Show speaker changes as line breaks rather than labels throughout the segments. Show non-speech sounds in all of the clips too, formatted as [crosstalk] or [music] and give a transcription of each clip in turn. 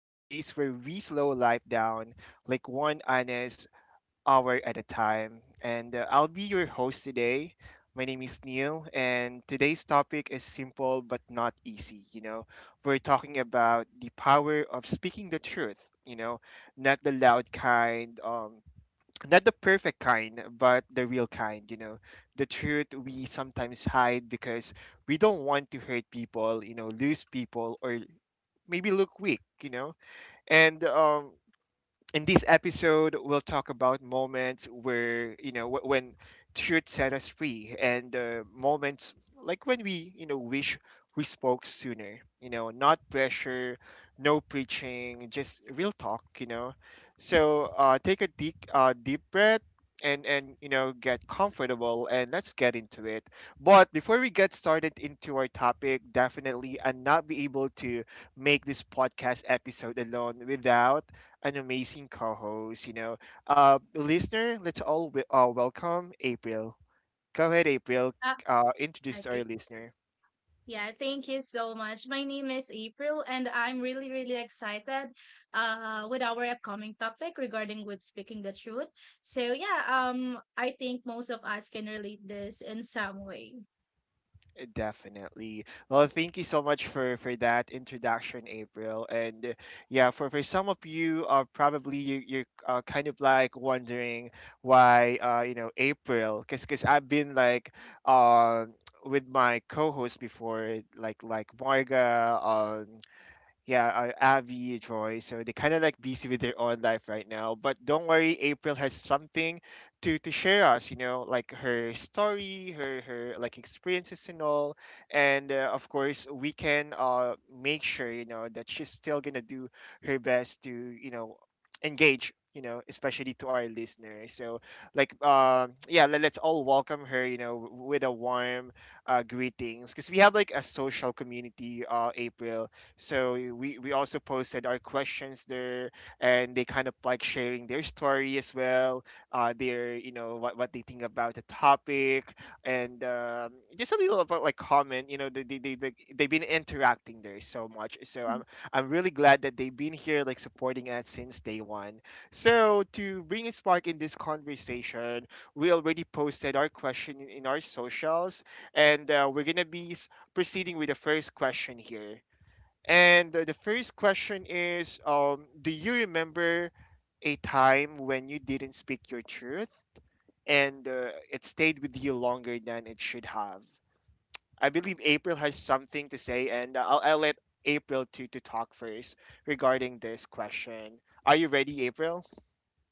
the space where we slow life down like one honest hour at a time. And I'll be your host today. My name is Neil, and today's topic is simple but not easy. We're talking about the power of speaking the truth, not the loud kind, not the perfect kind, but the real kind, the truth we sometimes hide because we don't want to hurt people, lose people, or maybe look weak. And In this episode we'll talk about moments where when truth set us free, and moments like when we wish we spoke sooner. Not pressure, no preaching, just real talk. So take a deep deep breath, and get comfortable, and let's get into it. But before we get started into our topic, definitely I'll not be able to make this podcast episode alone without an amazing co-host. Listener, let's all welcome April. Go ahead, April.
Ah,
Introduce to
okay.
our listener.
Yeah, thank you so much. My name is April, and I'm really, really excited with our upcoming topic regarding with speaking the truth. So yeah, I think most of us can relate this in some way.
Definitely. Well, thank you so much for that introduction, April. And Yeah, for some of you, probably you're kind of like wondering why April, because I've been like uh [tsk] with my co-host before like Marga, um yeah, Abby, Joy. So they kind of like busy with their own life right now. But don't worry, April has something to share us. You know, like her story, her like experiences and all. And Of course, we can make sure that she's still gonna do her best to engage. Especially to our listeners. So, like, [tsk] yeah, let's all welcome her. With a warm greetings, because we have like a social community. April, so we also posted our questions there, and they kind of like sharing their story as well, their what they think about the topic, and just a little about like comment. They've been interacting there so much. So
Mm-hmm.
I'm really glad that they've been here like supporting us since day one. So to bring a spark in this conversation, we already posted our question in our socials, and we're gonna be proceeding with the first question here. And The first question is, do you remember a time when you didn't speak your truth, and it stayed with you longer than it should have? I believe April has something to say, and I'll let April to talk first regarding this question. Are you ready, April?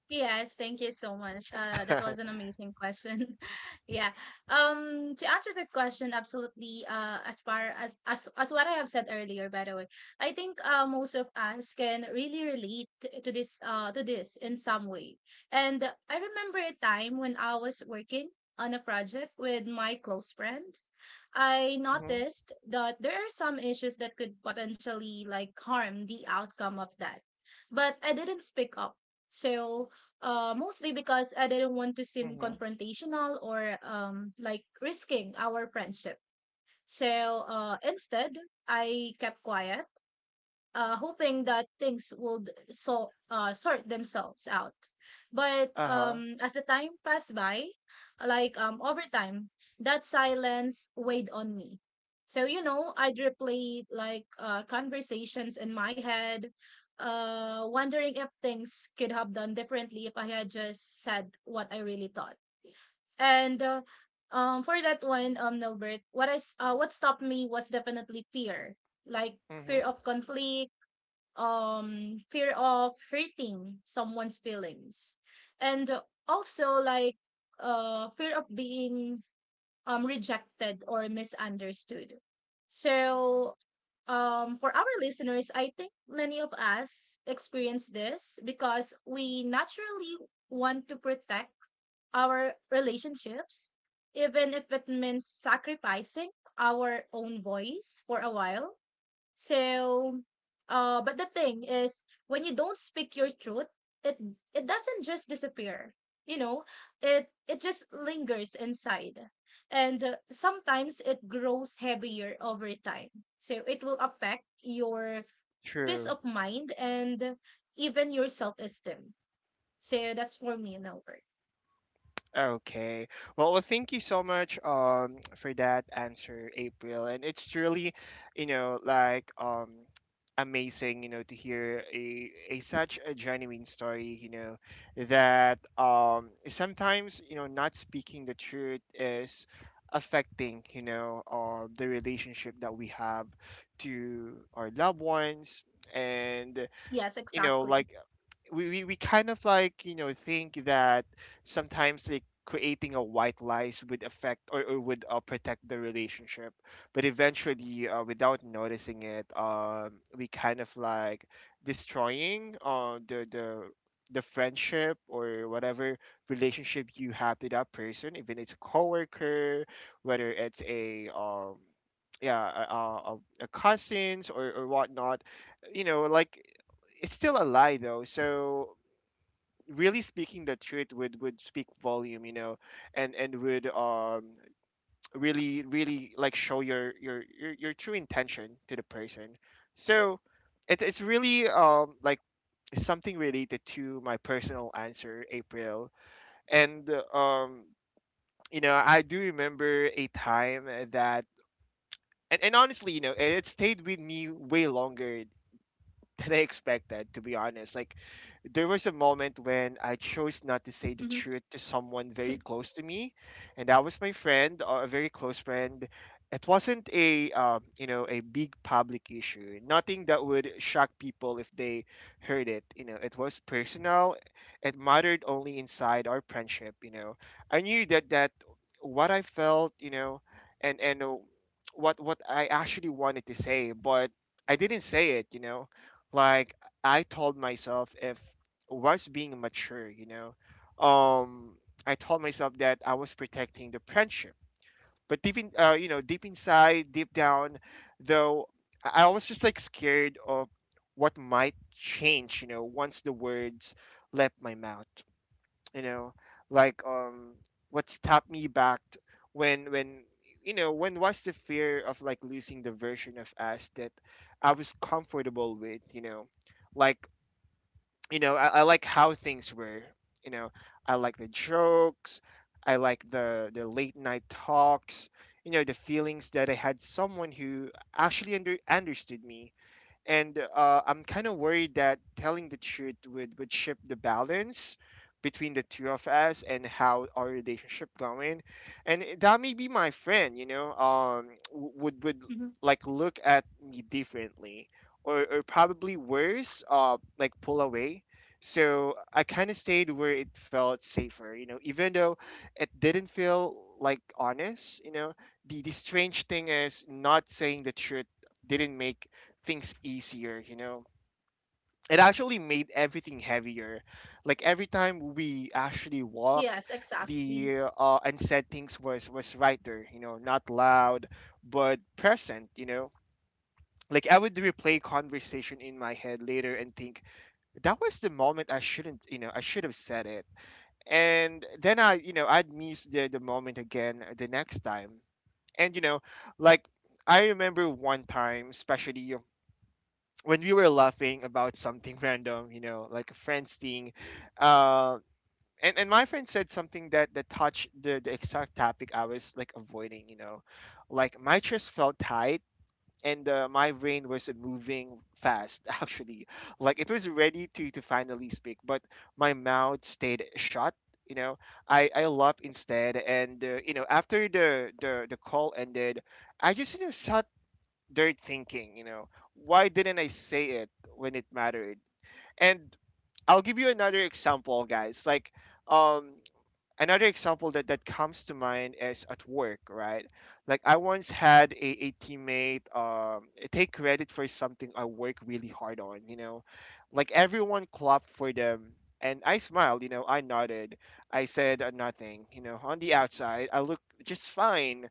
Yes, thank you so much. That was
[laughs]
an amazing question. [laughs] yeah. To answer that question, absolutely. As far as as what I have said earlier, by the way, I think most of us can really relate to this in some way. And I remember a time when I was working on a project with my close friend. I
Mm-hmm.
noticed that there are some issues that could potentially like harm the outcome of that. But I didn't speak up. So, mostly because I didn't want to seem
Mm-hmm.
confrontational or like risking our friendship. So, instead, I kept quiet, hoping that things would sort themselves out. But
Uh-huh.
as the time passed by, over time, that silence weighed on me. So, you know, I'd replay like conversations in my head, wondering if things could have done differently if I had just said what I really thought. And For that one, Nilbert, what stopped me was definitely fear, like
Mm-hmm.
fear of conflict, fear of hurting someone's feelings, and also like fear of being rejected or misunderstood. So for our listeners, I think many of us experience this because we naturally want to protect our relationships, even if it means sacrificing our own voice for a while. So, but the thing is, when you don't speak your truth, it it doesn't just disappear. You know, it just lingers inside, and sometimes it grows heavier over time. So it will affect your peace
True.
of mind and even your self esteem. So that's for me, Norbert.
Okay. Well, thank you so much [tsk] for that answer, April. And it's truly, like amazing, to hear a such a genuine story, that sometimes, not speaking the truth is affecting, the relationship that we have to our loved ones. And
Yes, exactly.
like we kind of like think that sometimes like creating a white lies would affect, or would protect the relationship, but eventually without noticing it, we kind of like destroying the friendship, or whatever relationship you have to that person, even it's a coworker, whether it's a cousins, or whatnot. You know like it's still a lie, though. So really speaking the truth would speak volume. And would really really like show your true intention to the person. So it's really like something related to my personal answer, april and I do remember a time that and Honestly, it stayed with me way longer [laughs] than I expected, to be honest. Like, there was a moment when I
Mm-hmm,
chose not to say the truth to someone very close to me, and that was my friend, or a very close friend. It wasn't a you know a big public issue, nothing that would shock people if they heard it. You know, it was personal. It mattered only inside our friendship. I knew that what I felt, you know, and what I actually wanted to say, but I didn't say it. Like I told myself if was being mature, um, I told myself that I was protecting the friendship. But deep in, you know, deep inside, deep down, though, I was just like scared of what might change, once the words left my mouth. you know like um what stopped me back t- when you know when was the fear of like losing the version of us that I was comfortable with. You know like you know i, I like how things were. you know I like the jokes. I like the late night talks. The feelings that I had someone who actually understood me. And I'm kind of worried that telling the truth would shift the balance between the two of us and how our relationship going, and that may be my friend, would
mm-hmm.
like look at me differently, or probably worse, like pull away. So I kind of stayed where it felt safer, even though it didn't feel like honest. The strange thing is not saying the truth didn't make things easier. It actually made everything heavier. Like every time we actually walk,
Yes, exactly.
the unsaid things was right there, not loud but present. Like I would replay conversation in my head later and think that was the moment I shouldn't, I should have said it. And then I'd miss the moment again the next time. And like I remember one time, especially when we were laughing about something [laughs] random, like a friend's thing, uh, and my friend said something that touched the exact topic I was like avoiding, like my chest felt tight, and my brain was moving fast [laughs] actually, like it was ready to finally speak, but my mouth stayed shut. You know, I laughed instead, and after the call ended, I just sat dirt thinking. Why didn't I say it when it mattered? And I'll give you another example, guys. Like um another example that comes to mind is at work, right? Like I once had a teammate take credit for something I work really hard on. Like everyone clapped for them and I smiled, I nodded. I said nothing. On the outside, I looked just fine,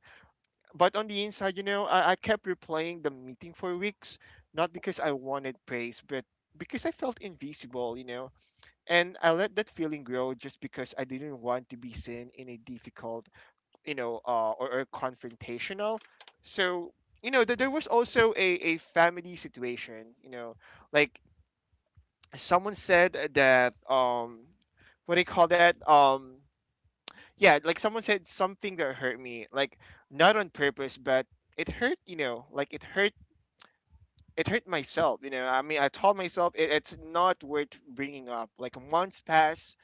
but on the inside, I kept replaying the meeting for weeks, not because I wanted praise, but because I felt invisible. And I let that feeling grow just because I didn't want to be seen in a difficult, or confrontational. So, there was also a family situation, like someone said what do you call that? Yeah, like someone said something that hurt me, like not on purpose, but it hurt, like it hurt myself. I mean, I told myself it's not worth bringing up. Like months pass,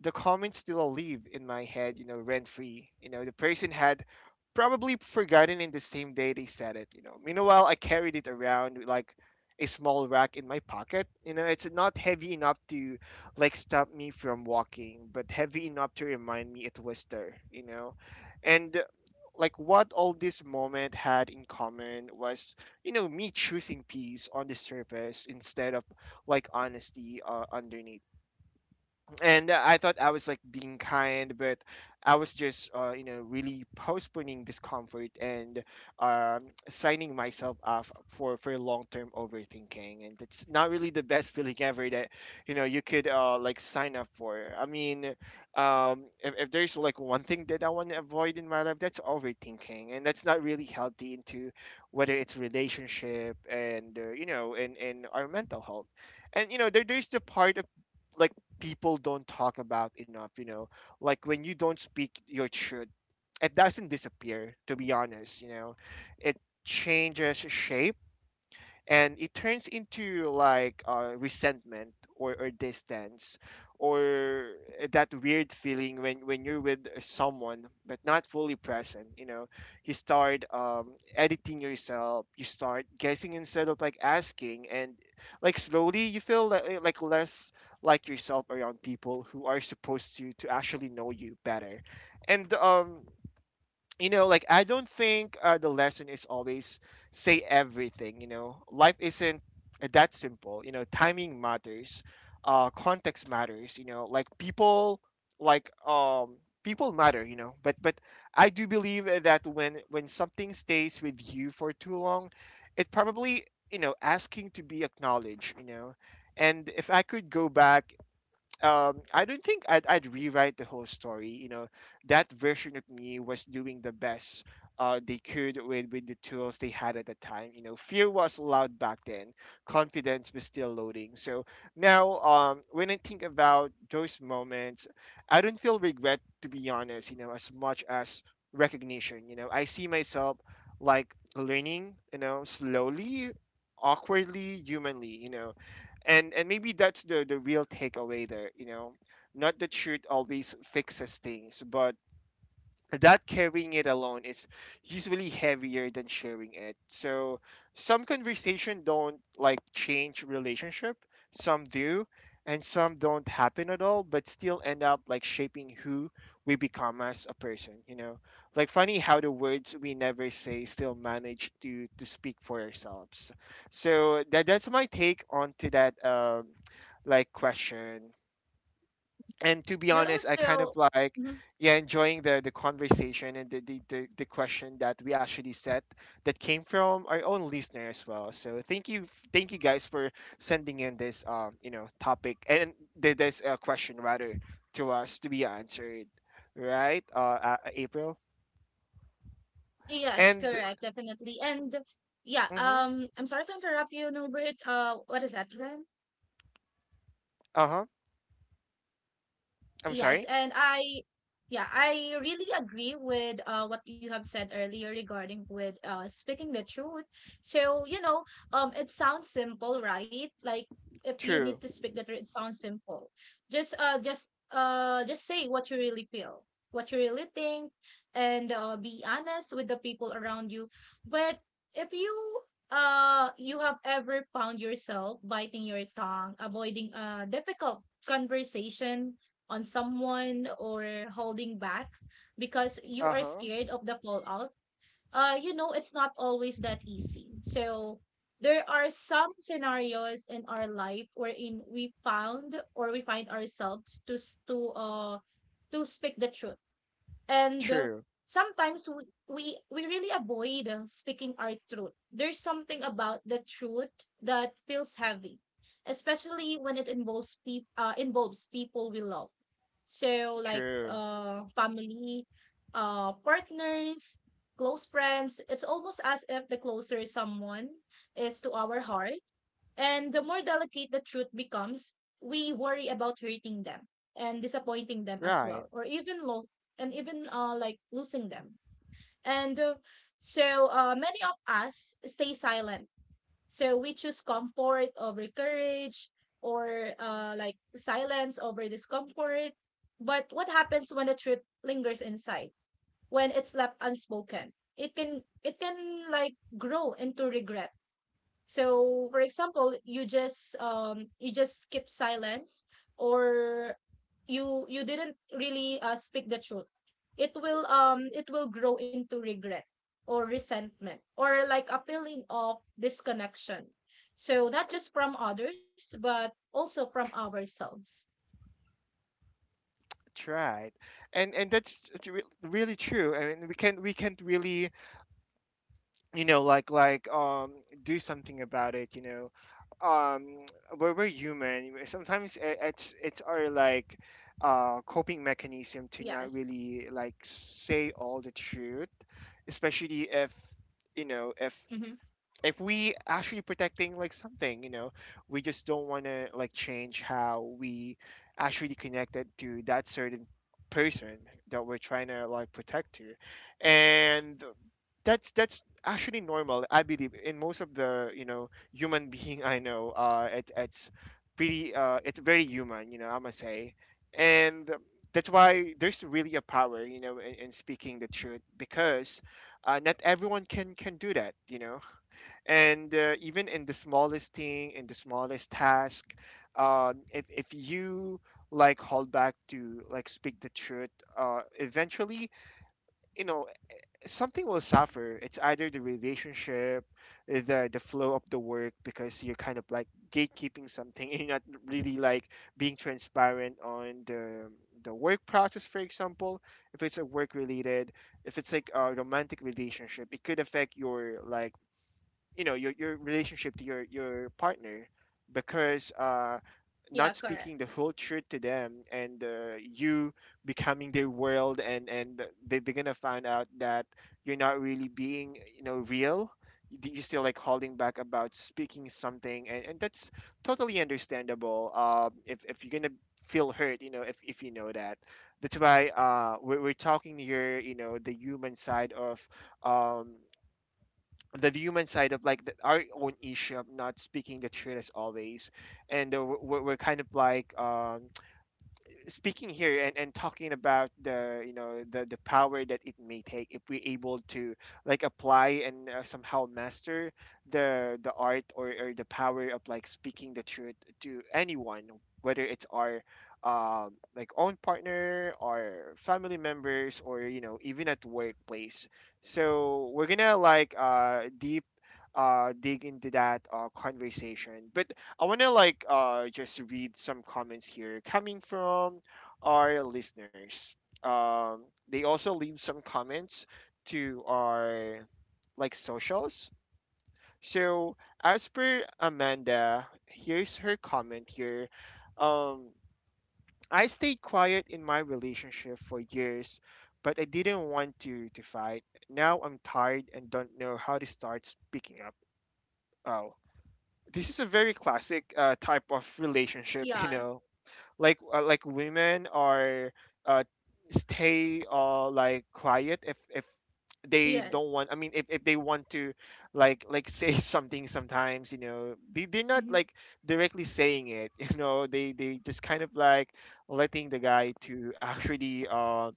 the comments still live in my head, rent free. The person had probably forgotten in the same day they said it. Meanwhile, I carried it around like a small rack in my pocket. It's not heavy enough to like stop me from walking, but heavy enough to remind me it was there. And like what all this moment had in common was, me choosing peace on the surface instead of like honesty underneath, and I thought I was like being kind, but I was just really postponing discomfort, and signing myself off for long term overthinking, and it's not really the best [laughs] feeling ever that you could like sign up for. If there's like one thing that I want to avoid in my life, that's overthinking, and that's not really healthy into whether it's relationship and our mental health, and there's the part of like people don't talk about enough, you know. Like when you don't speak your truth, it doesn't disappear, to be honest, you know. It changes shape and it turns into resentment or distance or that weird feeling when you're with someone but not fully present, you start editing yourself, you start guessing instead of like asking. And slowly you feel like less like yourself around people who are supposed to actually know you better. And like I don't think the lesson is always say everything. You know, life isn't that simple. You know, timing matters, context matters. You know, like like um, people matter. You know, but I do believe that when something stays with you for too long, it probably you know asking to be acknowledged. You know, and if I could go back, I don't think I'd rewrite the whole story. You know, that version of me was doing the best they could with the tools they had at the time. You know, fear was loud back then, confidence was still loading. So now, when I think about those moments, I don't feel regret, to be honest, you know, as much as recognition. You know, I see myself like learning, you know, slowly, awkwardly, humanly, you know. And maybe that's the real takeaway there, you know, not that truth always fixes things, but that carrying it alone is usually heavier than sharing it. So some conversation don't like change relationship, some do, and some don't happen at all, but still end up like shaping who we become as a person, you know. Like funny how the words we never say still manage to speak for ourselves. So that's my take on to that question. And to be
That
honest, I
was
kind of
also.
like yeah enjoying the conversation and the question that we actually set, that came from our own listener as well. So thank you, thank you guys for sending in this you know topic and this question rather, to us to be answered, right, April?
Yes,
And
correct, definitely. And yeah,
mm-hmm,
I'm sorry to interrupt you, Norbert. What is that?
uh-huh. I'm
Yes,
sorry.
and I yeah, I really agree with what you have said earlier regarding with speaking the truth. So, you know, it sounds simple, right? Like if you
True.
need to speak the truth, it sounds simple. Just say what you really feel, what you really think, and be honest with the people around you. But if you you have ever found yourself biting your tongue, avoiding a difficult conversation on someone, or holding back because you are
Uh-huh.
scared of the fallout, you know, it's not always that easy. So there are some scenarios in our life wherein we found or we find ourselves to speak the truth, and
True.
sometimes we really avoid speaking our truth. There's something about the truth that feels heavy, especially when it involves people we love. So like
True.
family, partners, close friends. It's almost as if the closer someone is to our heart, and the more delicate the truth becomes. We worry about hurting them and disappointing them as well,
Right.
and even like losing them. And so many of us stay silent. So we choose comfort over courage, or like silence over discomfort. But what happens when the truth lingers inside? When it's left unspoken, it can like grow into regret. So, for example, you just skip silence, or you didn't really speak the truth. It will grow into regret or resentment or like a feeling of disconnection. So not just from others but also from ourselves.
That's right. And that's, it's really true. I mean, we can, we can't really, you know, like do something about it, you know. um we're human. Sometimes it's our like coping mechanism to not
Yes.
really like say all the truth, especially if you know,
Hmm.
if we actually protecting like something, you know. We just don't want to like change how we actually connected to that certain person
Yes.
that we're
Uh
trying to like protect
if
to.
we are protecting
And
some—
that's actually normal, I believe, in most of the you know
Hmm.
human [laughs] being. I know it's pretty it's very human, you know, I must say. And that's why there's really a power, you know, in speaking the truth, because not everyone can do that, you know. And even in the smallest thing, in the smallest task, if you like hold back to like speak the truth, eventually, you know, something will suffer. It's either the relationship, the flow of the work, because you're kind of like gatekeeping something [laughs] and you're not really like being transparent on the work process, for example. If it's a work related, if it's like a romantic relationship, it could affect your like you know your relationship to your partner, because not
Yeah,
speaking
correct.
the whole truth to them. And you becoming their world, and they're gonna find out that you're not really being you know real. You- You're still like holding back about speaking something, and that's totally understandable, if you're gonna feel hurt, you know, if you know that. That's why we're talking here, you know, the human side of um the human side of our own issue of not speaking the truth as always. And we're kind of speaking here, and talking about the you know the power that it may take if we're able to like apply and somehow master the art, or the power of like speaking the truth to anyone, whether it's our like own partner, or family members, or you know even at workplace. So we're gonna like deep dig into that conversation. But I want to just read some comments here coming from our listeners. Um, they also leave some comments to our like socials. So as per Amanda, here's her comment here. Um, I stayed quiet in my relationship for years, but I didn't want to fight. Now I'm tired and don't know how to start speaking up. Oh, this is a very classic type of
Yeah.
relationship, [laughs] you know, like women are uh stay like quiet, if they
Yes.
don't want, I mean, if they want to like say [laughs] something sometimes, you know, they're not
Hmm.
like directly saying it [laughs] you know. They just kind of like letting the guy to actually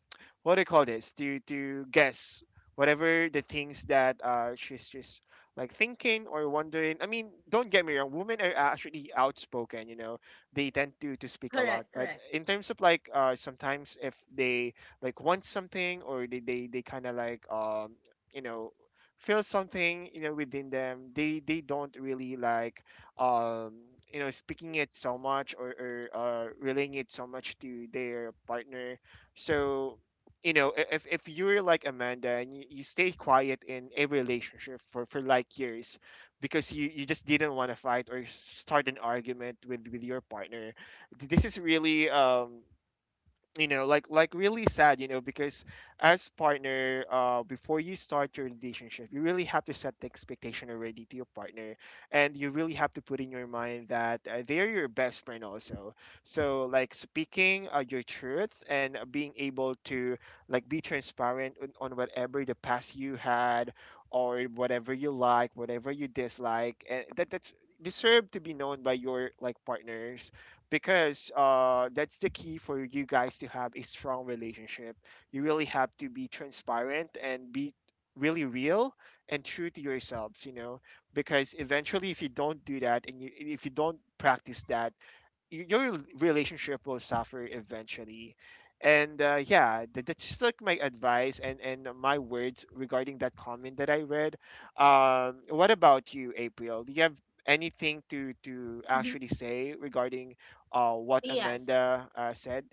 what do you call this, to guess whatever the things that she's just like thinking or wondering. I mean, don't get me wrong, women are actually outspoken, you know, they tend to speak a lot,
Correct,
but
correct.
in terms of sometimes if they like want something, or they kind of you know feel something, you know, within them. They don't really um you know speaking it so much, or relaying it so much to their partner. So you know, if you're like Amanda and you stay quiet in a relationship for like years, because you just didn't want to fight or start an argument with your partner. This is really, you know, like really sad you know, because as partner, before you start your relationship, you really have to set the expectation already to your partner. And you really have to put in your mind that they're your best friend also. So like speaking your truth, and being able to like be transparent on whatever the past you had, or whatever you like whatever you dislike, and that that's deserve to be known by your like partners, because that's the key for you guys to have a strong relationship. You really have to be transparent and be really real and true to yourselves, you know, because eventually if you don't do that, and if you don't practice that, your relationship will suffer eventually. And yeah, that's just like my advice and my words regarding that comment that I read. Um, what about you, April? Do you have anything to
Hmm.
actually say regarding what
Yes.
Amanda said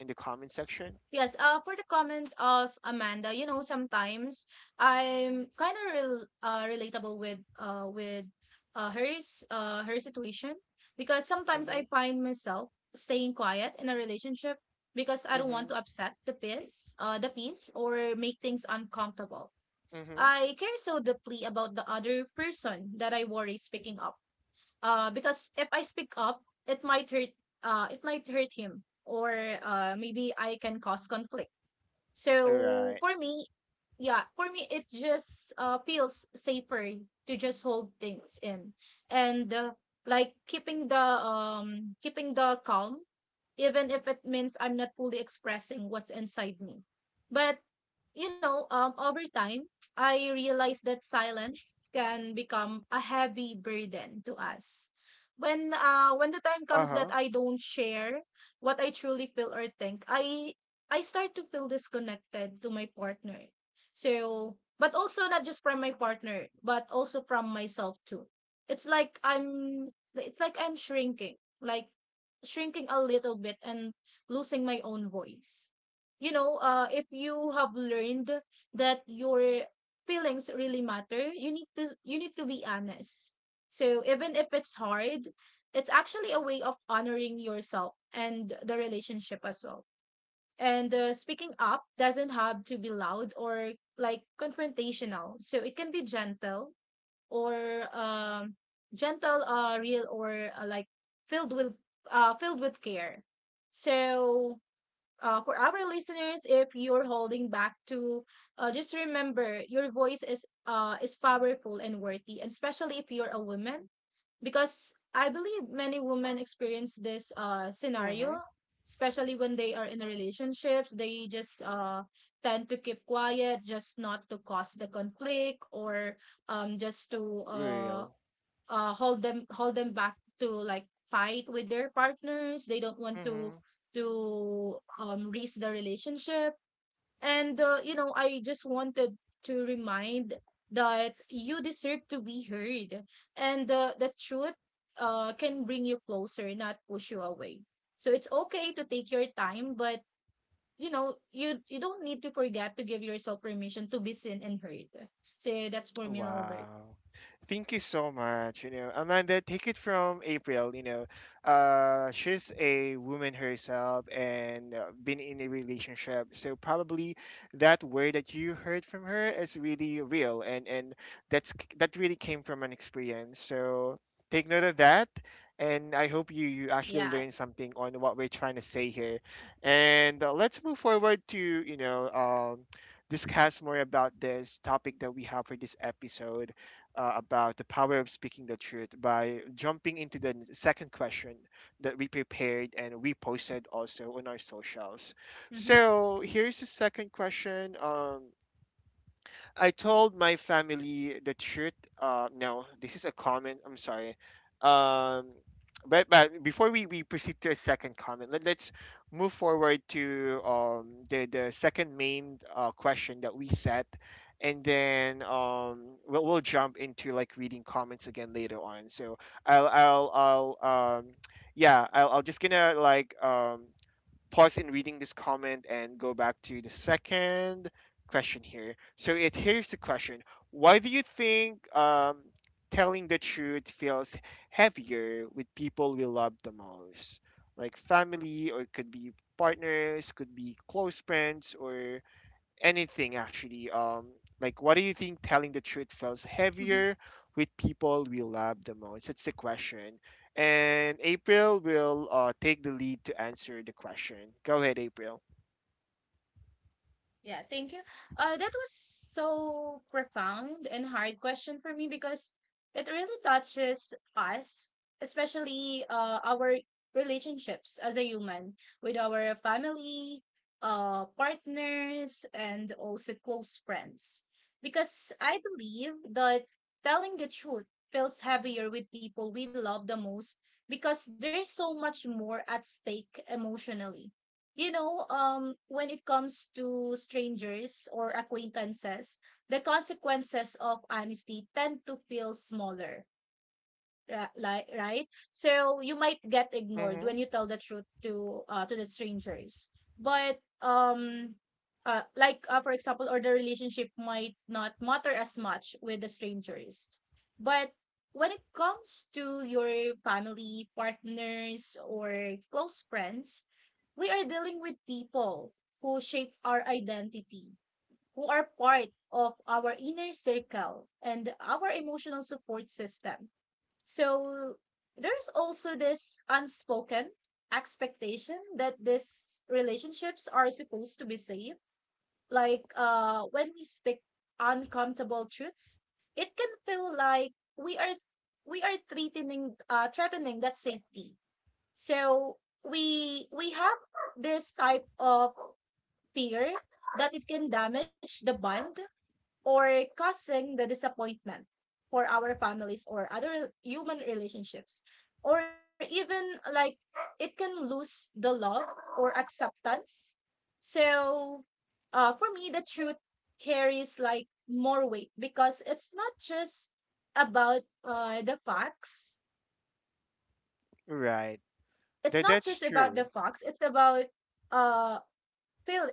in the comment section?
Yes, for the comment of Amanda, you know, sometimes I'm kind of relatable with her situation, because sometimes I
Mm-hmm.
find myself staying quiet in a relationship because I don't want
Mm-hmm.
to upset the peace or make things uncomfortable.
Mm-hmm.
I care so deeply about the other person that I worry speaking up, because if I speak up, it might hurt. It might hurt him, or maybe I can cause conflict.
All
So
right.
for me, yeah, for me it just feels safer to just hold things in, and like keeping the calm, even if it means I'm not fully expressing what's inside me. But you know, over time I realized that silence can become a heavy burden to us. When the time comes that
Uh-huh.
I don't share what I truly feel or think, I start to feel disconnected to my partner. So, but also not just from my partner, but also from myself too. It's like I'm shrinking, like shrinking a little bit and losing my own voice. You know, if you have learned that your feelings really matter, you need to be honest. So, even if it's hard, it's actually a way of honoring yourself and the relationship as well. And speaking up doesn't have to be loud or like confrontational. So it can be gentle, or um, real, or filled with filled with care. So for our listeners, if you're holding back, to— just remember your voice is powerful and worthy, and especially if you're a woman, because I believe many women experience this scenario,
Mm-hmm.
especially when they are in relationships. They just tend to keep quiet, just not to cause the conflict, or just to
Real.
hold them back to like fight with their partners. They don't want to
Mm-hmm.
risk the relationship. And, you know, I just wanted to remind that you deserve to be heard. And the truth can bring you closer, not push you away. So it's okay to take your time, but, you know, you don't need to forget to give yourself permission to be seen and heard. So that's for me, Albert.
Wow. Thank you so much. You know, Amanda, take it from April. You know, she's a woman herself, and been in a relationship. So probably that word that you heard from her is really real, and that's that really came from an experience. So take note of that, and I hope you actually
Yeah.
learn something on what we're trying to say here. And let's move forward to discuss more about this topic that we have for this episode, about the power of speaking the truth, by jumping into the second question that we prepared and we posted also on our socials.
Mm-hmm.
So here's the second question. I told my family the truth. No, this is a comment. I'm sorry. Um, but before we proceed to a second comment, let's move forward to the second main question that we set, and then we'll jump into like reading comments again later on. So I'll um, yeah, I'll just gonna pause in reading this comment and go back to the second question here. So it here's the question: Why do you think telling the truth feels heavier with people we love the most, like family, or it could be partners, could be close friends, or anything actually. Like, what do you think telling the truth feels heavier with people we love the most? It's the question. And April will take the lead to answer the question. Go ahead, April.
Yeah, thank you. That was so profound and hard question for me because it really touches us, especially our relationships as a human, with our family, partners, and also close friends. Because I believe that telling the truth feels heavier with people we love the most, because there's so much more at stake emotionally. You know, when it comes to strangers or acquaintances, the consequences of honesty tend to feel smaller. Like right, so you might get ignored
Mm-hmm.
when you tell the truth to the strangers. But like, for example, or the relationship might not matter as much with the strangers. But when it comes to your family, partners, or close friends, we are dealing with people who shape our identity, who are part of our inner circle and our emotional support system. So there's also this unspoken expectation that these relationships are supposed to be safe. Like, when we speak uncomfortable truths, it can feel like we are we are threatening that safety. So we have this type of fear that it can damage the bond or causing the disappointment for our families or other human relationships, or even like it can lose the love or acceptance. So for me, the truth carries like more weight because it's not just about the facts.
Right.
it's not
That's
just about the
true.
facts it's about uh feel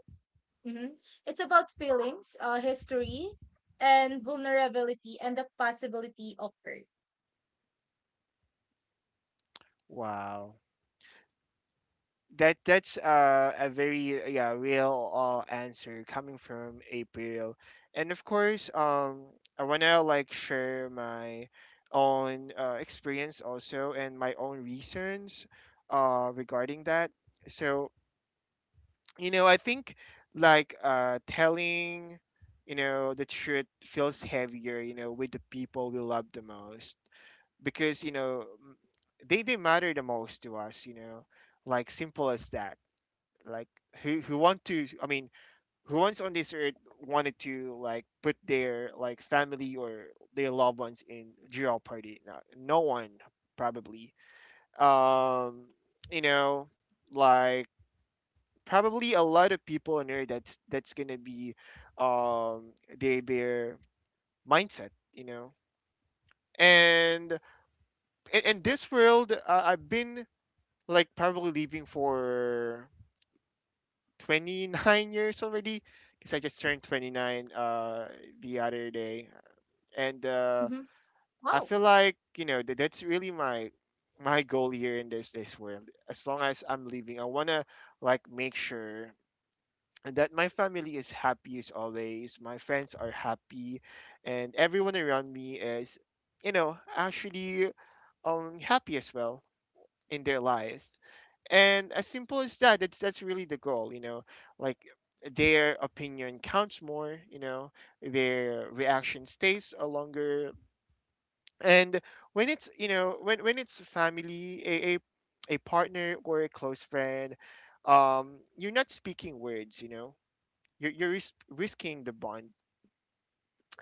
Mhm. It's about feelings, history, and vulnerability, and the possibility of hurt.
Wow. That's a very real answer coming from April, and of course I wanna like share my own experience also and my own reasons regarding that. So I think telling the truth feels heavier with the people we love the most because they matter the most to us, you know, like simple as that. Like who want to I mean who wants on this earth wanted to like put their like family or their loved ones in jeopardy? No, no one probably. um you know like probably a lot of people on earth, that's gonna be um their mindset, you know. And in this world, I've been like probably living for 29 years already, because I just turned 29 the other day. And
Hmm.
I
Wow.
feel like, you know, that's really my goal here in this world. As long as I'm living, I want to like make sure that my family is happy as always, my friends are happy, and everyone around me is, you know, actually, happy as well in their life. And as simple as that, that's really the goal, you know. Like their opinion counts more, you know, their reaction stays a longer. And when it's family, a a partner, or a close friend, you're not speaking words, you know, risking the bond.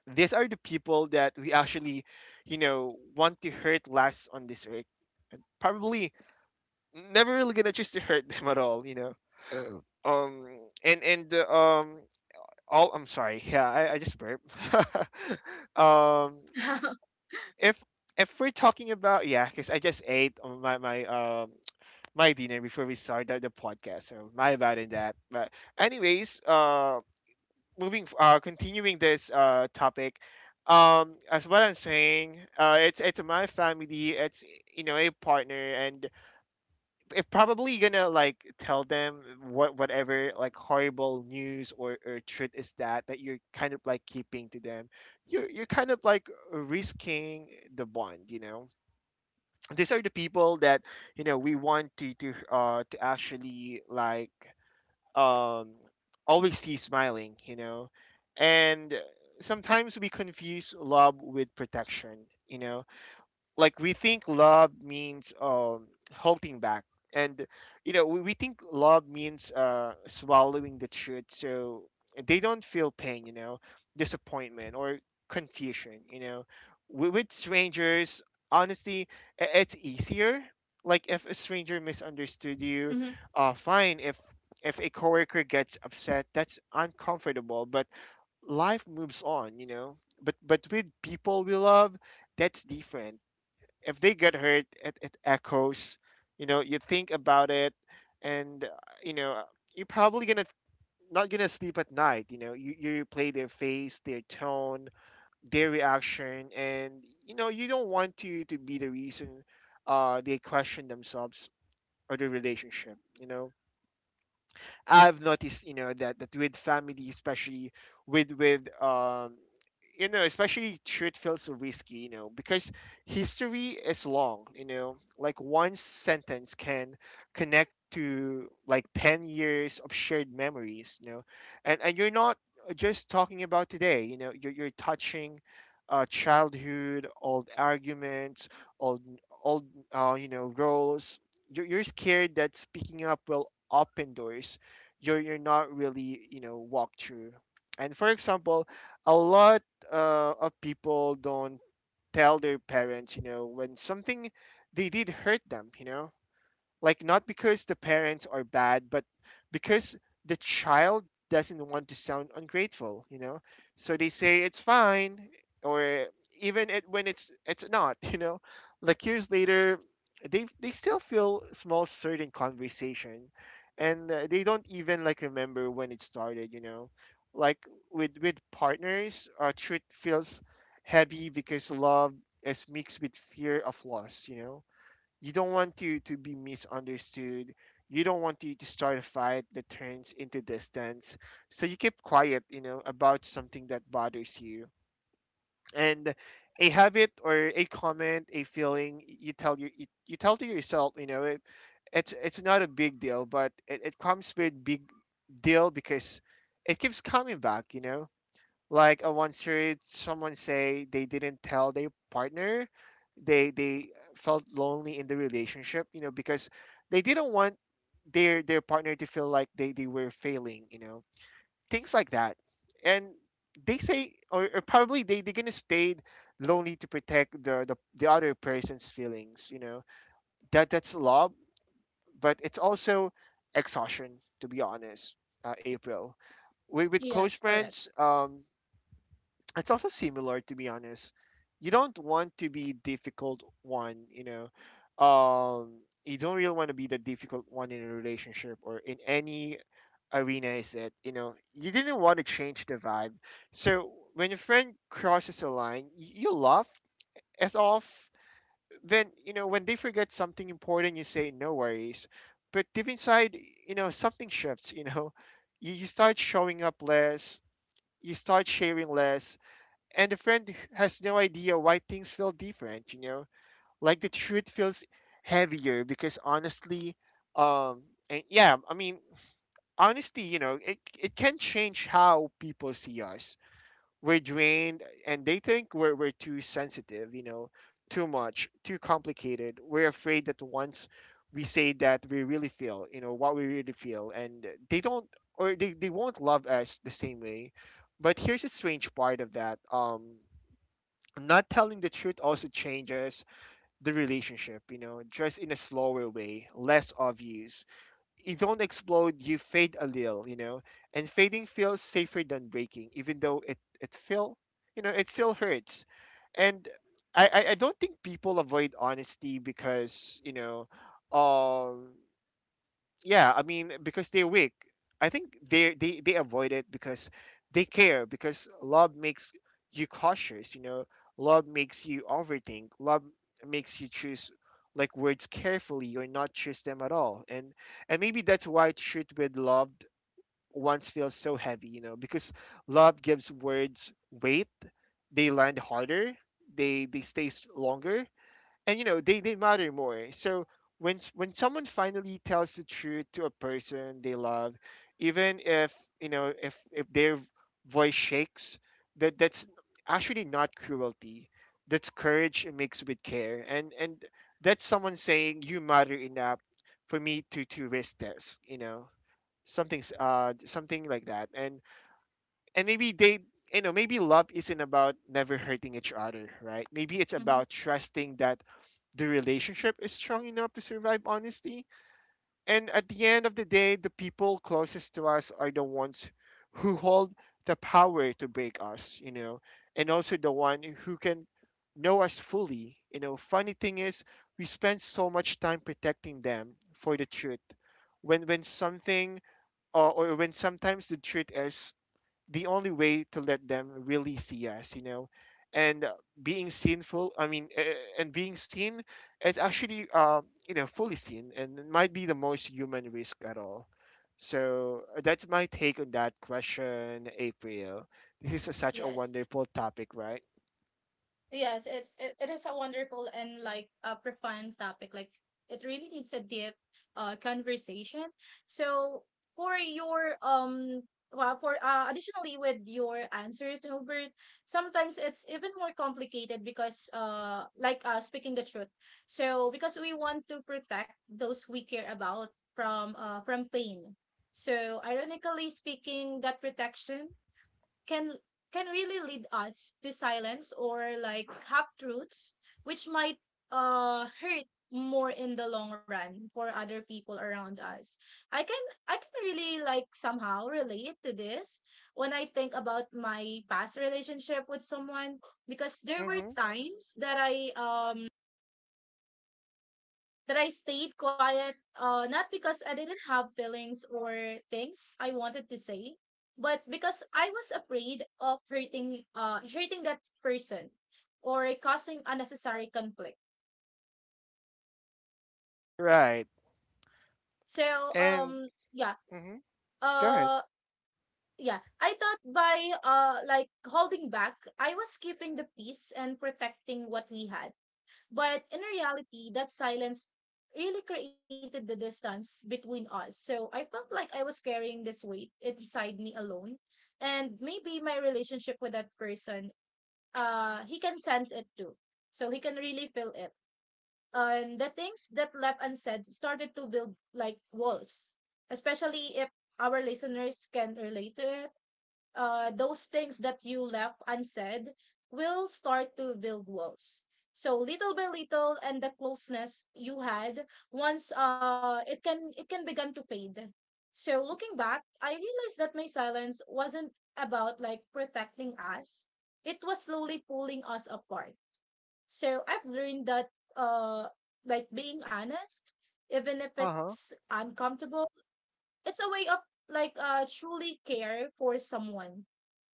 These are the people that we actually, you know, want to hurt less on this earth, probably, never really gonna choose to hurt them at all, you know. Oh. And um, all I'm sorry, yeah, I just burp. [laughs] um,
[laughs]
if if we're talking about, yeah, because I just ate on my my dinner before we started the podcast, so my bad in that. But anyways, continuing this topic. As what I'm saying, it's my family, it's, you know, a partner, and if probably gonna like tell them whatever like horrible news, or truth is that you're kind of like keeping to them, you're kind of like risking the bond, you know. These are the people that, you know, we want to actually like um always see smiling, you know. And sometimes we confuse love with protection, you know. Like we think love means holding back. And we think love means swallowing the truth, so they don't feel pain, you know, disappointment, or confusion, you know. With strangers, honestly, it's easier. Like if a stranger misunderstood you,
Hmm.
fine. If a coworker gets upset, that's uncomfortable, but life moves on, you know. But with people we love, that's different. If they get hurt, it echoes, you know. You think about it, and you know uh, you're probably gonna not gonna sleep at night, you know. You replay their face, their tone, their reaction, and you know you don't want to be the reason they question themselves or their relationship, you know. I've noticed, you know, that with family, especially with you know, especially truth feels risky, you know, because history is long, you know, like one sentence can connect to like 10 years of shared memories, you know. And you're not just talking about today, you know. You're touching childhood, old arguments, old old you know, roles. You're scared that speaking up will open doors you're not really, you know, walked through. And for example, a lot of people don't tell their parents, you know, when something they did hurt them, you know. Like not because the parents are bad, but because the child doesn't want to sound ungrateful, you know. So they say it's fine, or even when it's not. [laughs] You know, like years later, they still feel small certain conversation, and they don't even like remember when it started, you know. Like with partners, truth feels heavy because love is mixed with fear of loss, you know. You don't want you to be misunderstood. You don't want you to start a fight that turns into distance. So you keep quiet, you know, about something that bothers you. And a habit or a comment, a feeling, you tell you you tell to yourself, you know, it's not a big deal, but it comes with big deal because it keeps coming back, you know. Like I once heard someone say they didn't tell their partner they felt lonely in the relationship, you know, because they didn't want their partner to feel like they were failing, you know. Things like that. And they say, or probably they're gonna stay lonely to protect the other person's feelings, you know. That's love, but it's also exhaustion, to be honest, April. With close
Yes, correct.
friends, it's also similar, to be honest. You don't want to be difficult one, you know. um you don't really want to be the difficult one in a relationship or in any arena is it, you know. You didn't want to change the vibe. So when your friend crosses a line, you laugh it off. Then, you know, when they forget something important, you say no worries, but deep inside, you know, something shifts, you know. You start showing up less, you start sharing less, and the friend has no idea why things feel different, you know? Like the truth feels heavier because honestly, um, and yeah, I mean, honesty, you know, it can change how people see us. We're drained and they think we're too sensitive, you know, too much, too complicated. We're afraid that once we say that we really feel, you know, what we really feel, and they don't, or they won't love us the same way. But here's a strange part of that. Not telling the truth also changes the relationship, you know, just in a slower way, less obvious. You don't explode, you fade a little, you know, and fading feels safer than breaking, even though it feel, you know, it still hurts. And I don't think people avoid honesty because, you know, um, yeah, I mean, because they're weak. I think they avoid it because they care, because love makes you cautious, you know. Love makes you overthink. Love makes you choose like words carefully, or not choose them at all. And maybe that's why truth with loved once feels so heavy, you know, because love gives words weight. They land harder, they stay longer, and you know they matter more. So when someone finally tells the truth to a person they love, even if, you know, if their voice shakes, that's actually not cruelty. That's courage mixed with care. And that's someone saying, you matter enough for me to risk this, you know. Something something like that. And maybe they, you know, maybe love isn't about never hurting each other, right? Maybe it's
Hmm.
about trusting that the relationship is strong enough to survive honesty. And at the end of the day, the people closest to us are the ones who hold the power to break us, you know, and also the one who can know us fully. You know, funny thing is, we spend so much time protecting them for the truth. When something, or when sometimes the truth is the only way to let them really see us, you know. And being sinful, I mean, and being seen is actually, you know, fully seen, and it might be the most human risk at all. So that's my take on that question, April. This is a- such a
Yes.
wonderful topic, right?
Yes, it is a wonderful and like a profound topic. Like it really needs a deep conversation. So for your well for additionally with your answers, Hilbert, sometimes it's even more complicated because speaking the truth. So because we want to protect those we care about from pain. So ironically speaking, that protection can can really lead us to silence or like half truths, which might hurt more in the long run for other people around us. I can i can really like somehow relate to this when I think about my past relationship with someone, because there were
Mm-hmm.
times that I stayed quiet, not because I didn't have feelings or things I wanted to say, but because I was afraid of hurting that person or causing unnecessary conflict.
Right.
So,
And mm-hmm. Go ahead.
uh, yeah, I thought by, like holding back, I was keeping the peace and protecting what we had. But in reality, that silence really created the distance between us. So I felt like I was carrying this weight inside me alone. And maybe my relationship with that person, he can sense it too. So he can really feel it. And the things that left unsaid started to build like walls, especially if our listeners can relate to it. Those things that you left unsaid will start to build walls. So little by little, and the closeness you had once, it can begin to fade. So looking back, I realized that my silence wasn't about like protecting us; it was slowly pulling us apart. So I've learned that, uh, like being honest, even if
Uh huh.
it's uncomfortable, it's a way of like truly care for someone,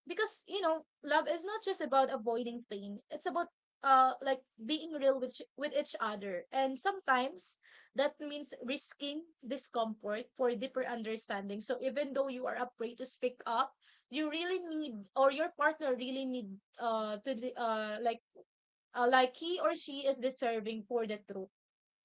because you know love is not just about avoiding pain, it's about uh like being real with with each other. And sometimes that means risking discomfort for deeper understanding. So even though you are afraid to speak up, you really need, or your partner really need, to the- like he or she is deserving for the truth.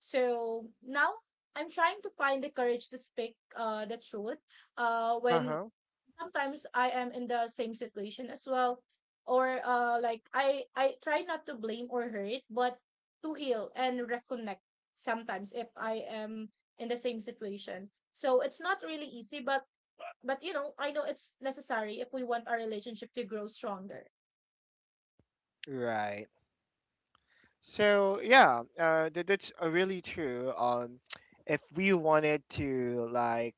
So now I'm trying to find the courage to speak the truth
Uh
when
huh.
sometimes I am in the same situation as well. Or like I try not to blame or hurt, but to heal and reconnect sometimes if I am in the same situation. So it's not really easy, but you know, I know it's necessary if we want our relationship to grow stronger.
Right. So yeah, that's really true. If we wanted to like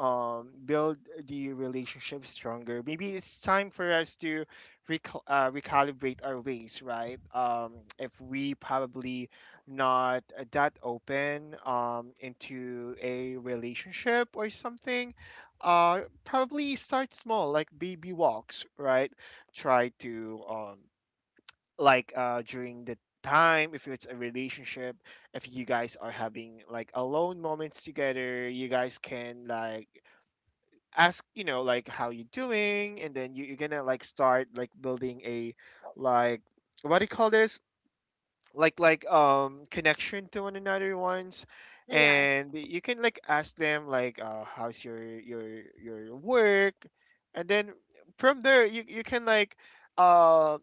um build the relationship stronger, maybe it's time for us to recalibrate our ways, right? If we probably not that open into a relationship or something, probably start small like baby walks, right? Try to like during the time, if it's a relationship, if you guys are having like alone moments together, you guys can like ask, you know, like how you doing? And then you're gonna like start like building a like, what do you call this, like connection to one another ones.
So, yes.
And you can like ask them like how's your your work? And then from there, you can like uh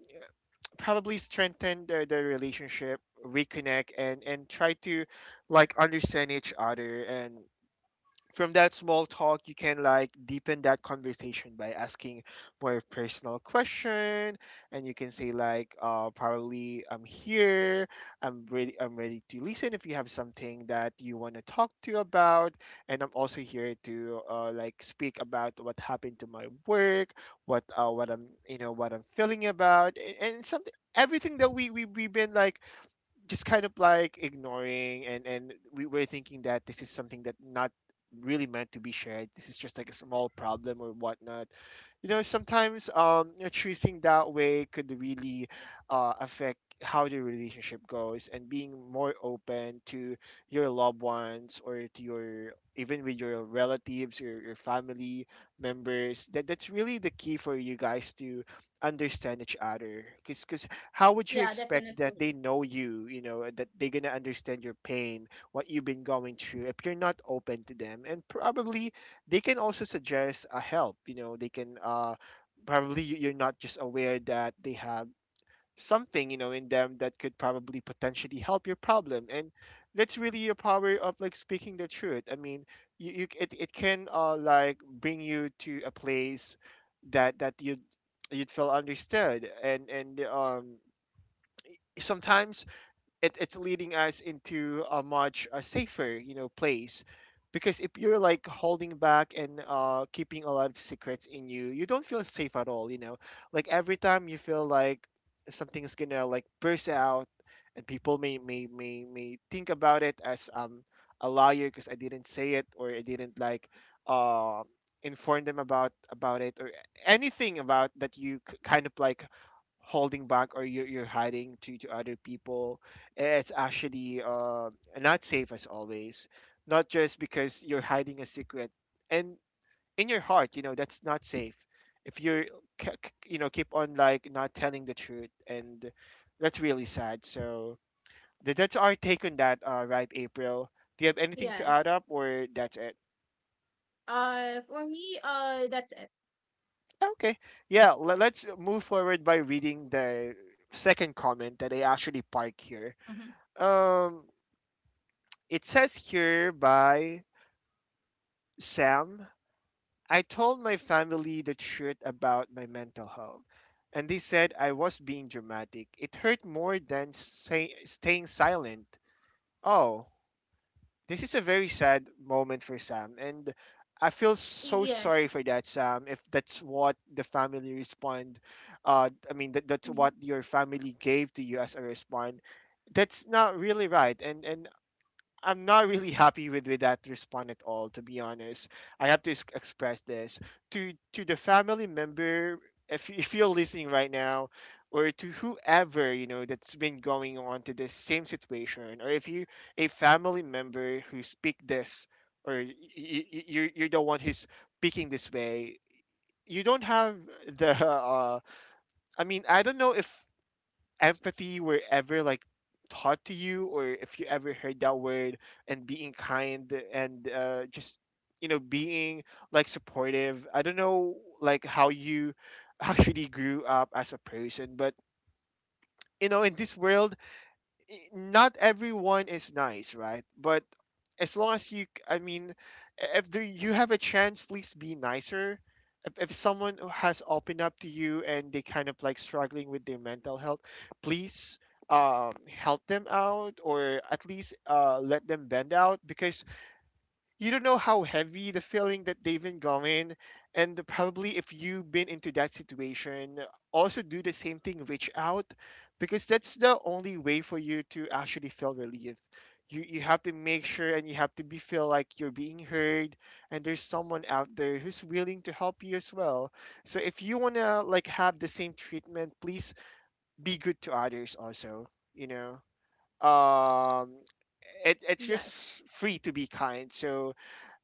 probably strengthen the relationship, reconnect, and try to like understand each other. And from that small talk, you can like deepen that conversation by asking more personal question. And you can say like probably I'm here, I'm ready to listen if you have something that you want to talk to about. And I'm also here to like speak about what happened to my work, what I'm, you know, what I'm feeling about. And something, everything that we've been like just kind of like ignoring, and we were thinking that this is something that not really meant to be shared, this is just like a small problem or whatnot. You know, sometimes choosing that way could really affect how the relationship goes. And being more open to your loved ones, or to your, even with your relatives or your family members, that that's really the key for you guys to understand each other. Because how would you
Yeah,
expect that
definitely.
they know you you know that they're gonna understand your pain, what you've been going through, if you're not open to them? And probably they can also suggest a help. You know, they can probably, you're not just aware that they have something, you know, in them that could probably potentially help your problem. And that's really a power of like speaking the truth. I mean, it can like bring you to a place that you'd, you'd feel understood. And sometimes it's leading us into a much safer, you know, place. Because if you're like holding back and keeping a lot of secrets in you, you don't feel safe at all, you know, like every time you feel like something's gonna like burst out. And people may think about it as a liar, because I didn't say it, or I didn't like uh inform them about it, or anything about that you kind of like holding back, or you're hiding to other people. It's actually not safe as always, not just because you're hiding a secret. And in your heart, you know that's not safe. If you're you know, keep on like not telling the truth. And that's really sad. So that's our take on that, right, April? Do you have anything to add
Yes.
up, or that's it?
For me, that's it.
Okay, yeah, let's move forward by reading the second comment that I actually park here.
Mm-hmm.
um It says here by Sam, "I told my family the truth about my mental health, and they said I was being dramatic. It hurt more than say, staying silent." Oh, this is a very sad moment for Sam, and I feel so
Yes.
sorry for that, Sam. If that's what the family respond, I mean that's
Mhm.
what your family gave to you as a response. That's not really right. And I'm not really happy with that response at all, to be honest. I have to express this to the family member. If you're listening right now, or to whoever you know that's been going on to this same situation, or if you a family member who speak this, or you're the one who's speaking this way, you don't have the. I mean, I don't know if empathy were ever like taught to you, or if you ever heard that word, and being kind and just you know being like supportive. I don't know like how you actually grew up as a person. But you know, in this world, not everyone is nice, right? But as long as you, I mean, if there, you have a chance, please be nicer. If someone has opened up to you and they kind of like struggling with their mental health, please help them out, or at least let them bend out. Because you don't know how heavy the feeling that they've been going. And probably if you've been into that situation, also do the same thing, reach out. Because that's the only way for you to actually feel relief. You have to make sure, and you have to be feel like you're being heard, and there's someone out there who's willing to help you as well. So if you want to like have the same treatment, please be good to others also, you know. um it's
Yes.
just free to be kind. So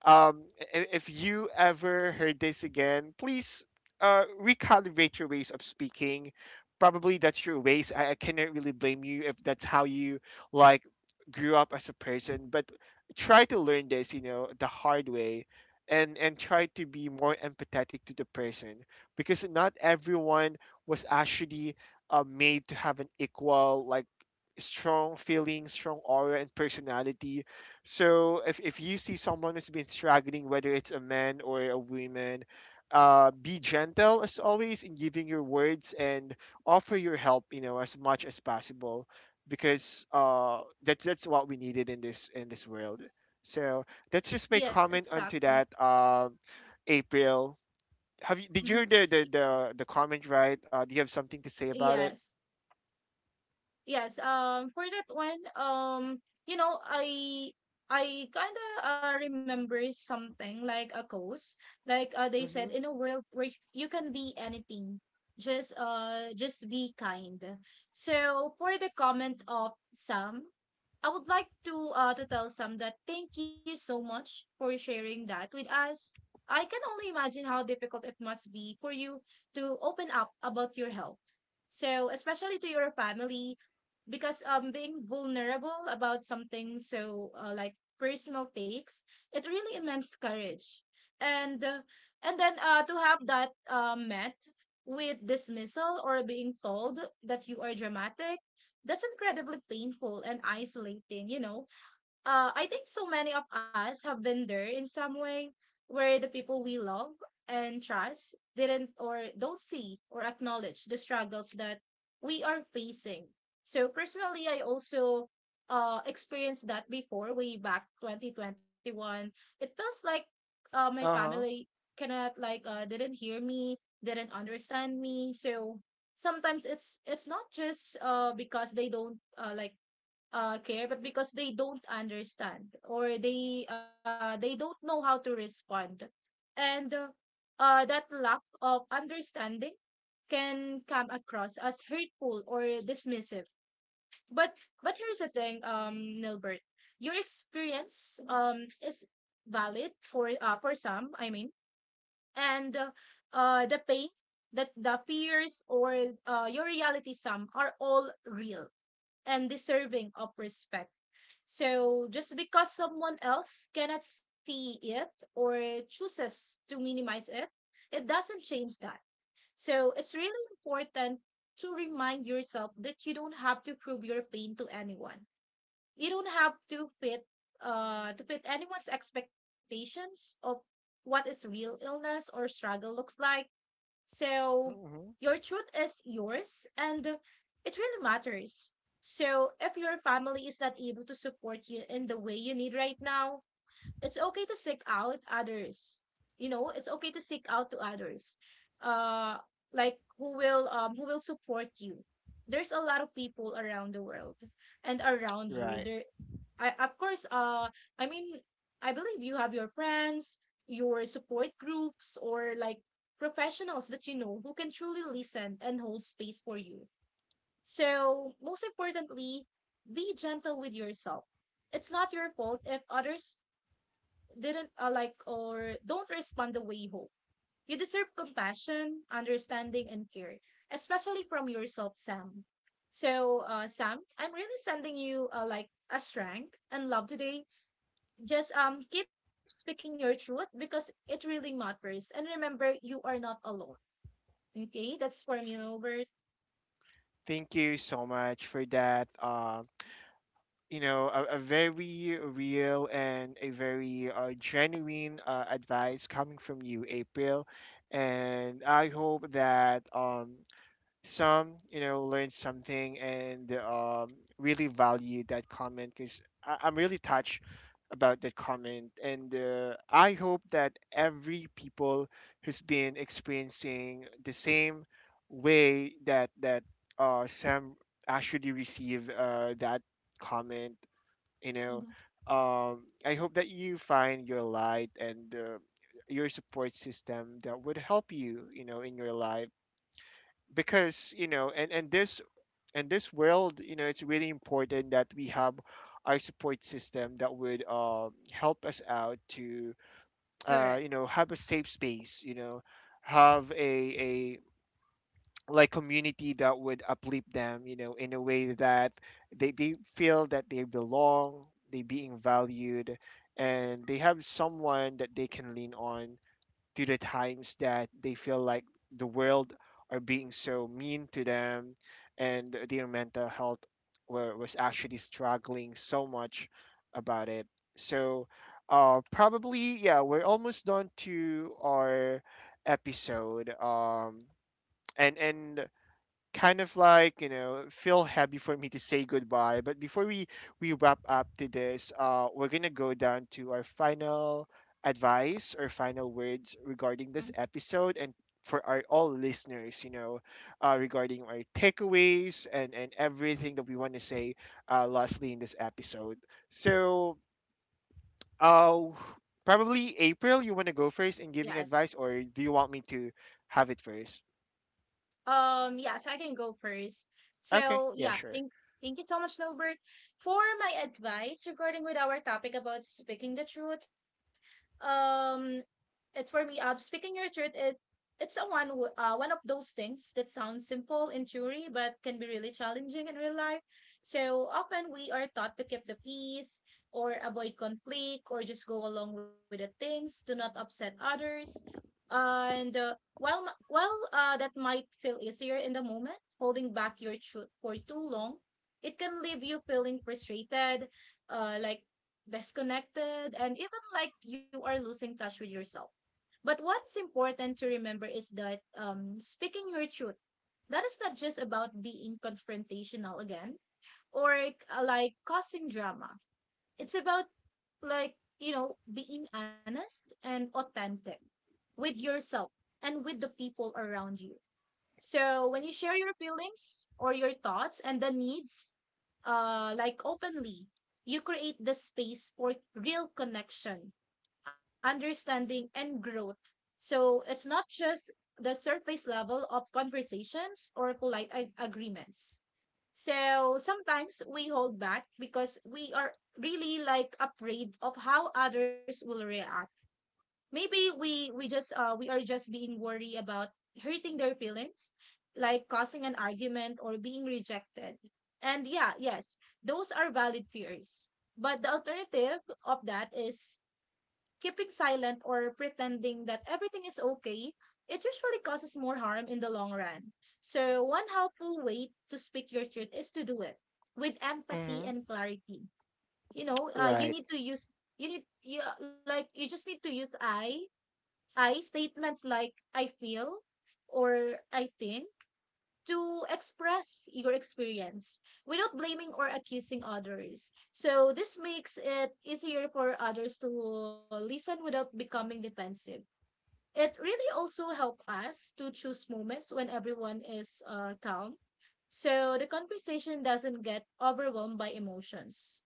if you ever heard this again, please recalibrate your ways of speaking. Probably that's your ways. I cannot really blame you if that's how you like grew up as a person. But try to learn this, you know, the hard way. And try to be more empathetic to the person, because not everyone was actually made to have an equal like strong feeling, strong aura and personality. So if you see someone who's been struggling, whether it's a man or a woman, be gentle as always in giving your words, and offer your help, you know, as much as possible. Because that's what we needed in this world. So that's just my
Yes,
comment onto
exactly.
that. April, have you did you
Mhm.
hear the the
Y-
the, the comment, right? Do you have something to say about it?
Yes. Yes, for that one, you know, I kind of remember something like a quote, like they said, in
Mm-hmm.
a world where you can be anything, just be kind. So for the comment of Sam, I would like to tell Sam that thank you so much for sharing that with us. I can only imagine how difficult it must be for you to open up about your health. So, especially to your family, because being vulnerable about something so like personal takes it really immense courage, and uh, and then to have that met with dismissal or being told that you are dramatic. That's incredibly painful and isolating, you know. I think so many of us have been there in some way where the people we love and trust didn't or don't see or acknowledge the struggles that we are facing. So personally, I also experienced that before way back 2021. It feels like my
Uh huh.
family cannot like didn't hear me, didn't understand me. So sometimes it's not just because they don't like care, but because they don't understand, or they don't know how to respond, and that lack of understanding can come across as hurtful or dismissive. But here's the thing, Nilbert, your experience is valid for some, I mean, and the pain, that the fears, or your reality some are all real and deserving of respect. So just because someone else cannot see it or chooses to minimize it, it doesn't change that. So it's really important to remind yourself that you don't have to prove your pain to anyone. You don't have to fit anyone's expectations of what is real illness or struggle looks like. So
Mm-hmm.
your truth is yours and it really matters. So if your family is not able to support you in the way you need right now, it's okay to seek out others. You know, it's okay to seek out to others. Uh like who will support you. There's a lot of people around the world and around you.
Right.
There I of course I mean I believe you have your friends, your support groups, or like professionals that you know who can truly listen and hold space for you. So, most importantly, be gentle with yourself. It's not your fault if others didn't like or don't respond the way you hope. You deserve compassion, understanding, and care, especially from yourself, Sam. So, Sam, I'm really sending you like a strength and love today. Just keep speaking your truth because it really matters. And remember, you are not alone. Okay, that's for you, Bert.
Thank you so much for that. You know, a very real and a very genuine advice coming from you, April. And I hope that some, you know, learned something. And really valued that comment, because I'm really touched about that comment. And I hope that every people who's been experiencing the same way that Sam actually receive that comment, you know.
Mhm.
I hope that you find your light and your support system that would help you, you know, in your life. Because you know, and this world, you know, it's really important that we have our support system that would help us out to
Correct.
you know, have a safe space, you know, have a like community that would uplift them, you know, in a way that they feel that they belong, they being valued, and they have someone that they can lean on to the times that they feel like the world are being so mean to them, and their mental health was actually struggling so much about it. So probably, yeah, we're almost done to our episode. And kind of like, you know, feel happy for me to say goodbye. But before we wrap up to this, we're gonna go down to our final advice or final words regarding
Mhm.
this episode. And for our all listeners, you know, regarding our takeaways, and everything that we want to say lastly in this episode. So uh probably, April, you want to go first in giving
Yes.
advice, or do you want me to have it first?
Yeah, so I can go first.
Okay,
So
yeah,
yeah,
sure.
thank you so much, Nilbert. For my advice regarding with our topic about speaking the truth, um, it's for me. Speaking your truth, it's a one of those things that sounds simple in theory, but can be really challenging in real life. So often we are taught to keep the peace, or avoid conflict, or just go along with the things, do not upset others, and while that might feel easier in the moment. Holding back your truth for too long, it can leave you feeling frustrated, like disconnected, and even like you are losing touch with yourself. But what's important to remember is that speaking your truth, that is not just about being confrontational again, or like causing drama. It's about like you know being honest and authentic with yourself and with the people around you. So when you share your feelings or your thoughts and the needs, like openly, you create the space for real connection, understanding, and growth. So it's not just the surface level of conversations or polite agreements. So sometimes we hold back because we are really like afraid of how others will react. Maybe we are just being worried about hurting their feelings, like causing an argument or being rejected. And yeah, yes, those are valid fears, but the alternative of that is keeping silent or pretending that everything is okay. It usually causes more harm in the long run. So one helpful way to speak your truth is to do it with
Hmm.
empathy and clarity, you know. Uh, you
Right.
need to use you need you like you just need to use I statements like I feel or I think, to express your experience without blaming or accusing others. So this makes it easier for others to listen without becoming defensive. It really also helps us to choose moments when everyone is calm. So the conversation doesn't get overwhelmed by emotions.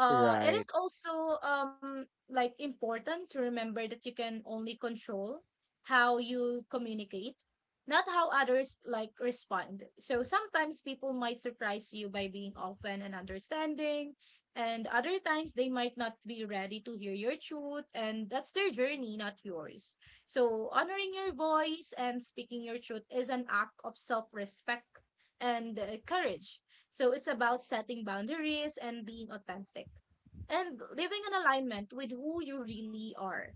It
Right.
is also like important to remember that you can only control how you communicate, not how others like respond. So sometimes people might surprise you by being open and understanding, and other times they might not be ready to hear your truth, and that's their journey, not yours. So honoring your voice and speaking your truth is an act of self-respect and courage. So it's about setting boundaries and being authentic and living in alignment with who you really are.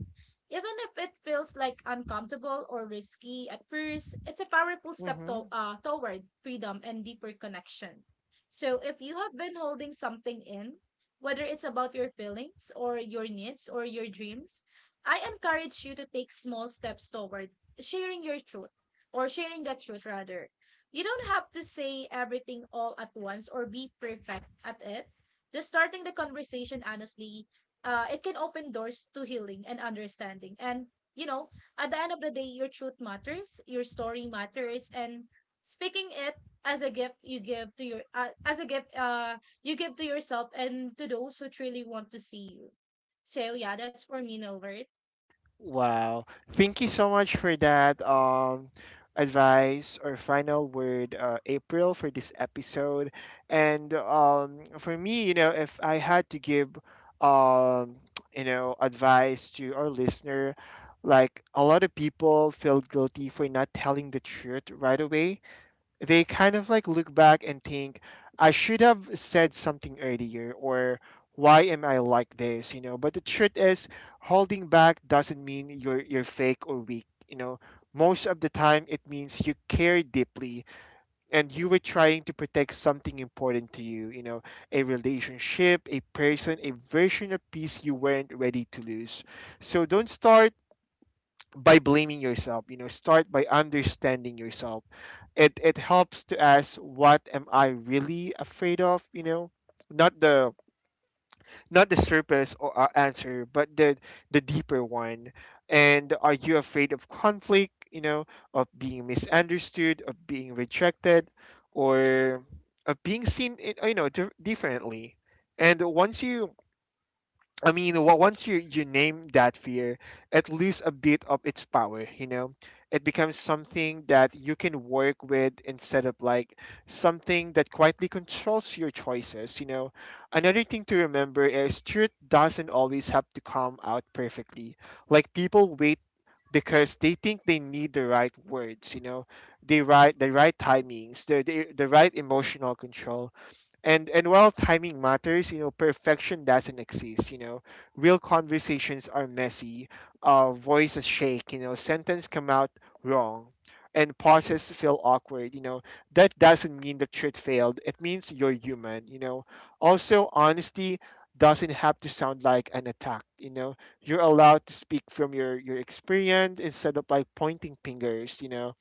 Even if it feels like uncomfortable or risky at first, it's a powerful step
Mm-hmm.
toward freedom and deeper connection. So if you have been holding something in, whether it's about your feelings or your needs or your dreams, I encourage you to take small steps toward sharing your truth, or sharing the truth rather. You don't have to say everything all at once or be perfect at it. Just starting the conversation honestly, it can open doors to healing and understanding. And, you know, at the end of the day, your truth matters, your story matters, and speaking it as a gift you give to your as a gift you give to yourself and to those who truly want to see you. So yeah, that's for me, Nilbert.
Wow. Thank you so much for that advice or final word, April, for this episode. And for me, you know, if I had to give um [tsk] you know, advice to our listener, like a lot of people feel guilty for not telling the truth right away. They kind of like look back and think, "I should have said something earlier," or "Why am I like this?" You know, but the truth is, holding back doesn't mean you're fake or weak, you know. Most of the time it means you care deeply, and you were trying to protect something important to you, you know, a relationship, a person, a version of peace you weren't ready to lose. So don't start by blaming yourself, you know, start by understanding yourself. It helps to ask, what am I really afraid of, you know? Not the not the surface or answer, but the deeper one. And are you afraid of conflict, you know, of being misunderstood, of being rejected, or of being seen you know, differently. And once you, I mean, once you you name that fear, it loses a bit of its power. You know, it becomes something that you can work with instead of like something that quietly controls your choices. You know, another thing to remember is truth doesn't always have to come out perfectly. Like people wait because they think they need the right words. You know, they right the right timings, the the right emotional control. And while timing matters, you know, perfection doesn't exist. You know, real conversations are messy, voices shake. You know, sentence come out wrong, and pauses feel awkward. You know, that doesn't mean the truth failed. It means you're human. You know, also honesty doesn't have to sound like an attack. You know, you're allowed to speak from your experience instead of like pointing fingers. You know,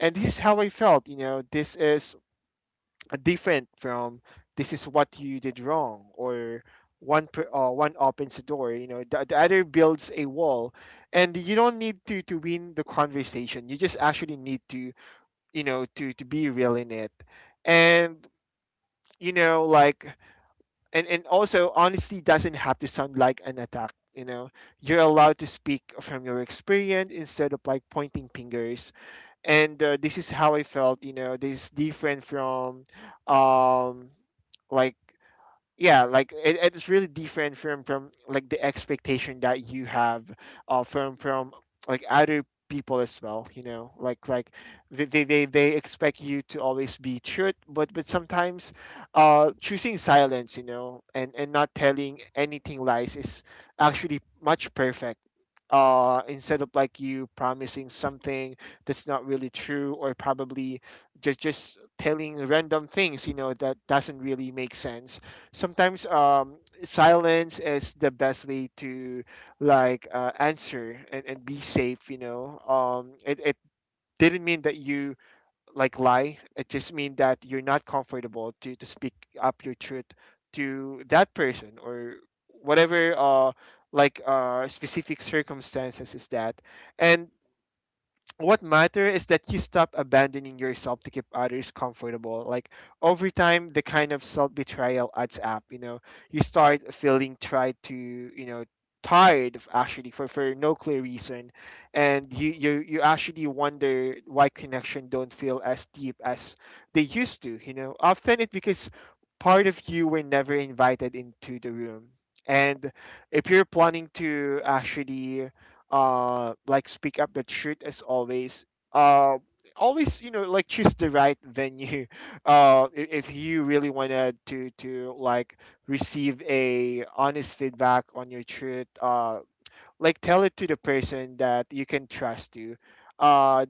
and this is how I felt. You know, this is different from this is what you did wrong. Or one opens the door, you know, the other builds a wall. And you don't need to win the conversation, you just actually need to, you know, to be real in it. And you know like And also honesty doesn't have to sound like an attack, you know. You're allowed to speak from your experience instead of like pointing fingers. And this is how I felt. You know, this is different from um like yeah, like it's really different from like the expectation that you have from like other people as well, you know, like they expect you to always be truth, but sometimes choosing silence, you know, and not telling anything lies is actually much perfect. Instead of like you promising something that's not really true, or probably just telling random things, you know, that doesn't really make sense sometimes. Silence is the best way to answer and be safe, you know. It didn't mean that you like lie, it just mean that you're not comfortable to speak up your truth to that person or whatever. Specific circumstances is that, and what matter is that you stop abandoning yourself to keep others comfortable. Like, over time the kind of self-betrayal adds up, you know. You start feeling tried to, you know, tired of actually for no clear reason. And you actually wonder why connection don't feel as deep as they used to, you know. Often it's because part of you were never invited into the room. And if you're planning to actually speak up the truth as always, uh always, you know, like, choose the right venue. [laughs] If you really wanted to like receive a honest feedback on your truth, like tell it to the person that you can trust to. uh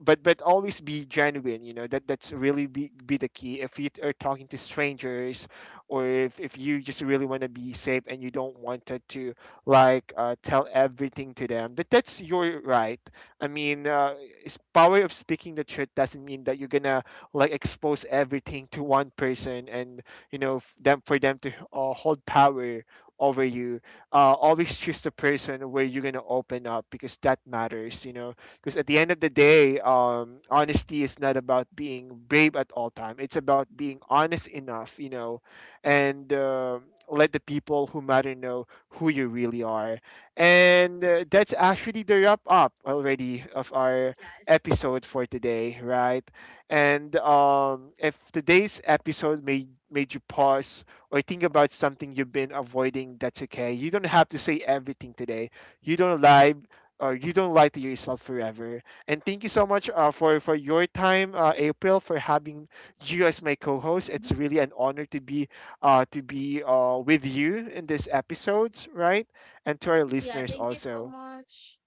but always be genuine, you know. That's really be the key. If you are talking to strangers, or if you just really want to be safe and you don't want to like tell everything to them, that that's your right. I mean, it's power of speaking the truth doesn't mean that you're gonna like expose everything to one person and, you know, f- them for them to hold power over you. Always choose the person where you're gonna open up, because that matters, you know. Because at the end of the day, honesty is not about being brave at all time, it's about being honest enough, you know. And Let the people who matter know who you really are. And that's actually the wrap up already of our
Yes.
episode for today, right? and If today's episode made you pause or think about something you've been avoiding, that's okay. You don't have to say everything today. You don't lie, you don't lie to yourself forever. And thank you so much, for your time, April, for having you as my co-host. It's
Mhm.
really an honor to be with you in this episode, right? And to our
Yeah,
listeners
thank you so
also.
much.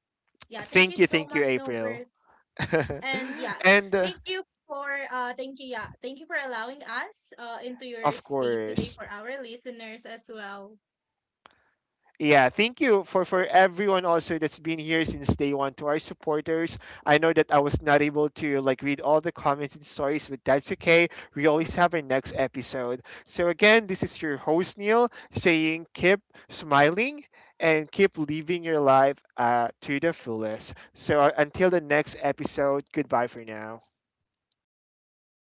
Yeah, thank you so
Thank you,
much,
April.
Nilbert.
[laughs]
And yeah,
and
thank you for thank you for allowing us into your
of
space today,
course.
for our listeners as well.
Yeah, thank you for everyone also that's been here since day one, to our supporters. I know that I was not able to like read all the comments and stories, but that's okay. We always have our next episode. So again, this is your host Neil saying keep smiling and keep living your life, to the fullest. So until the next episode, goodbye for now.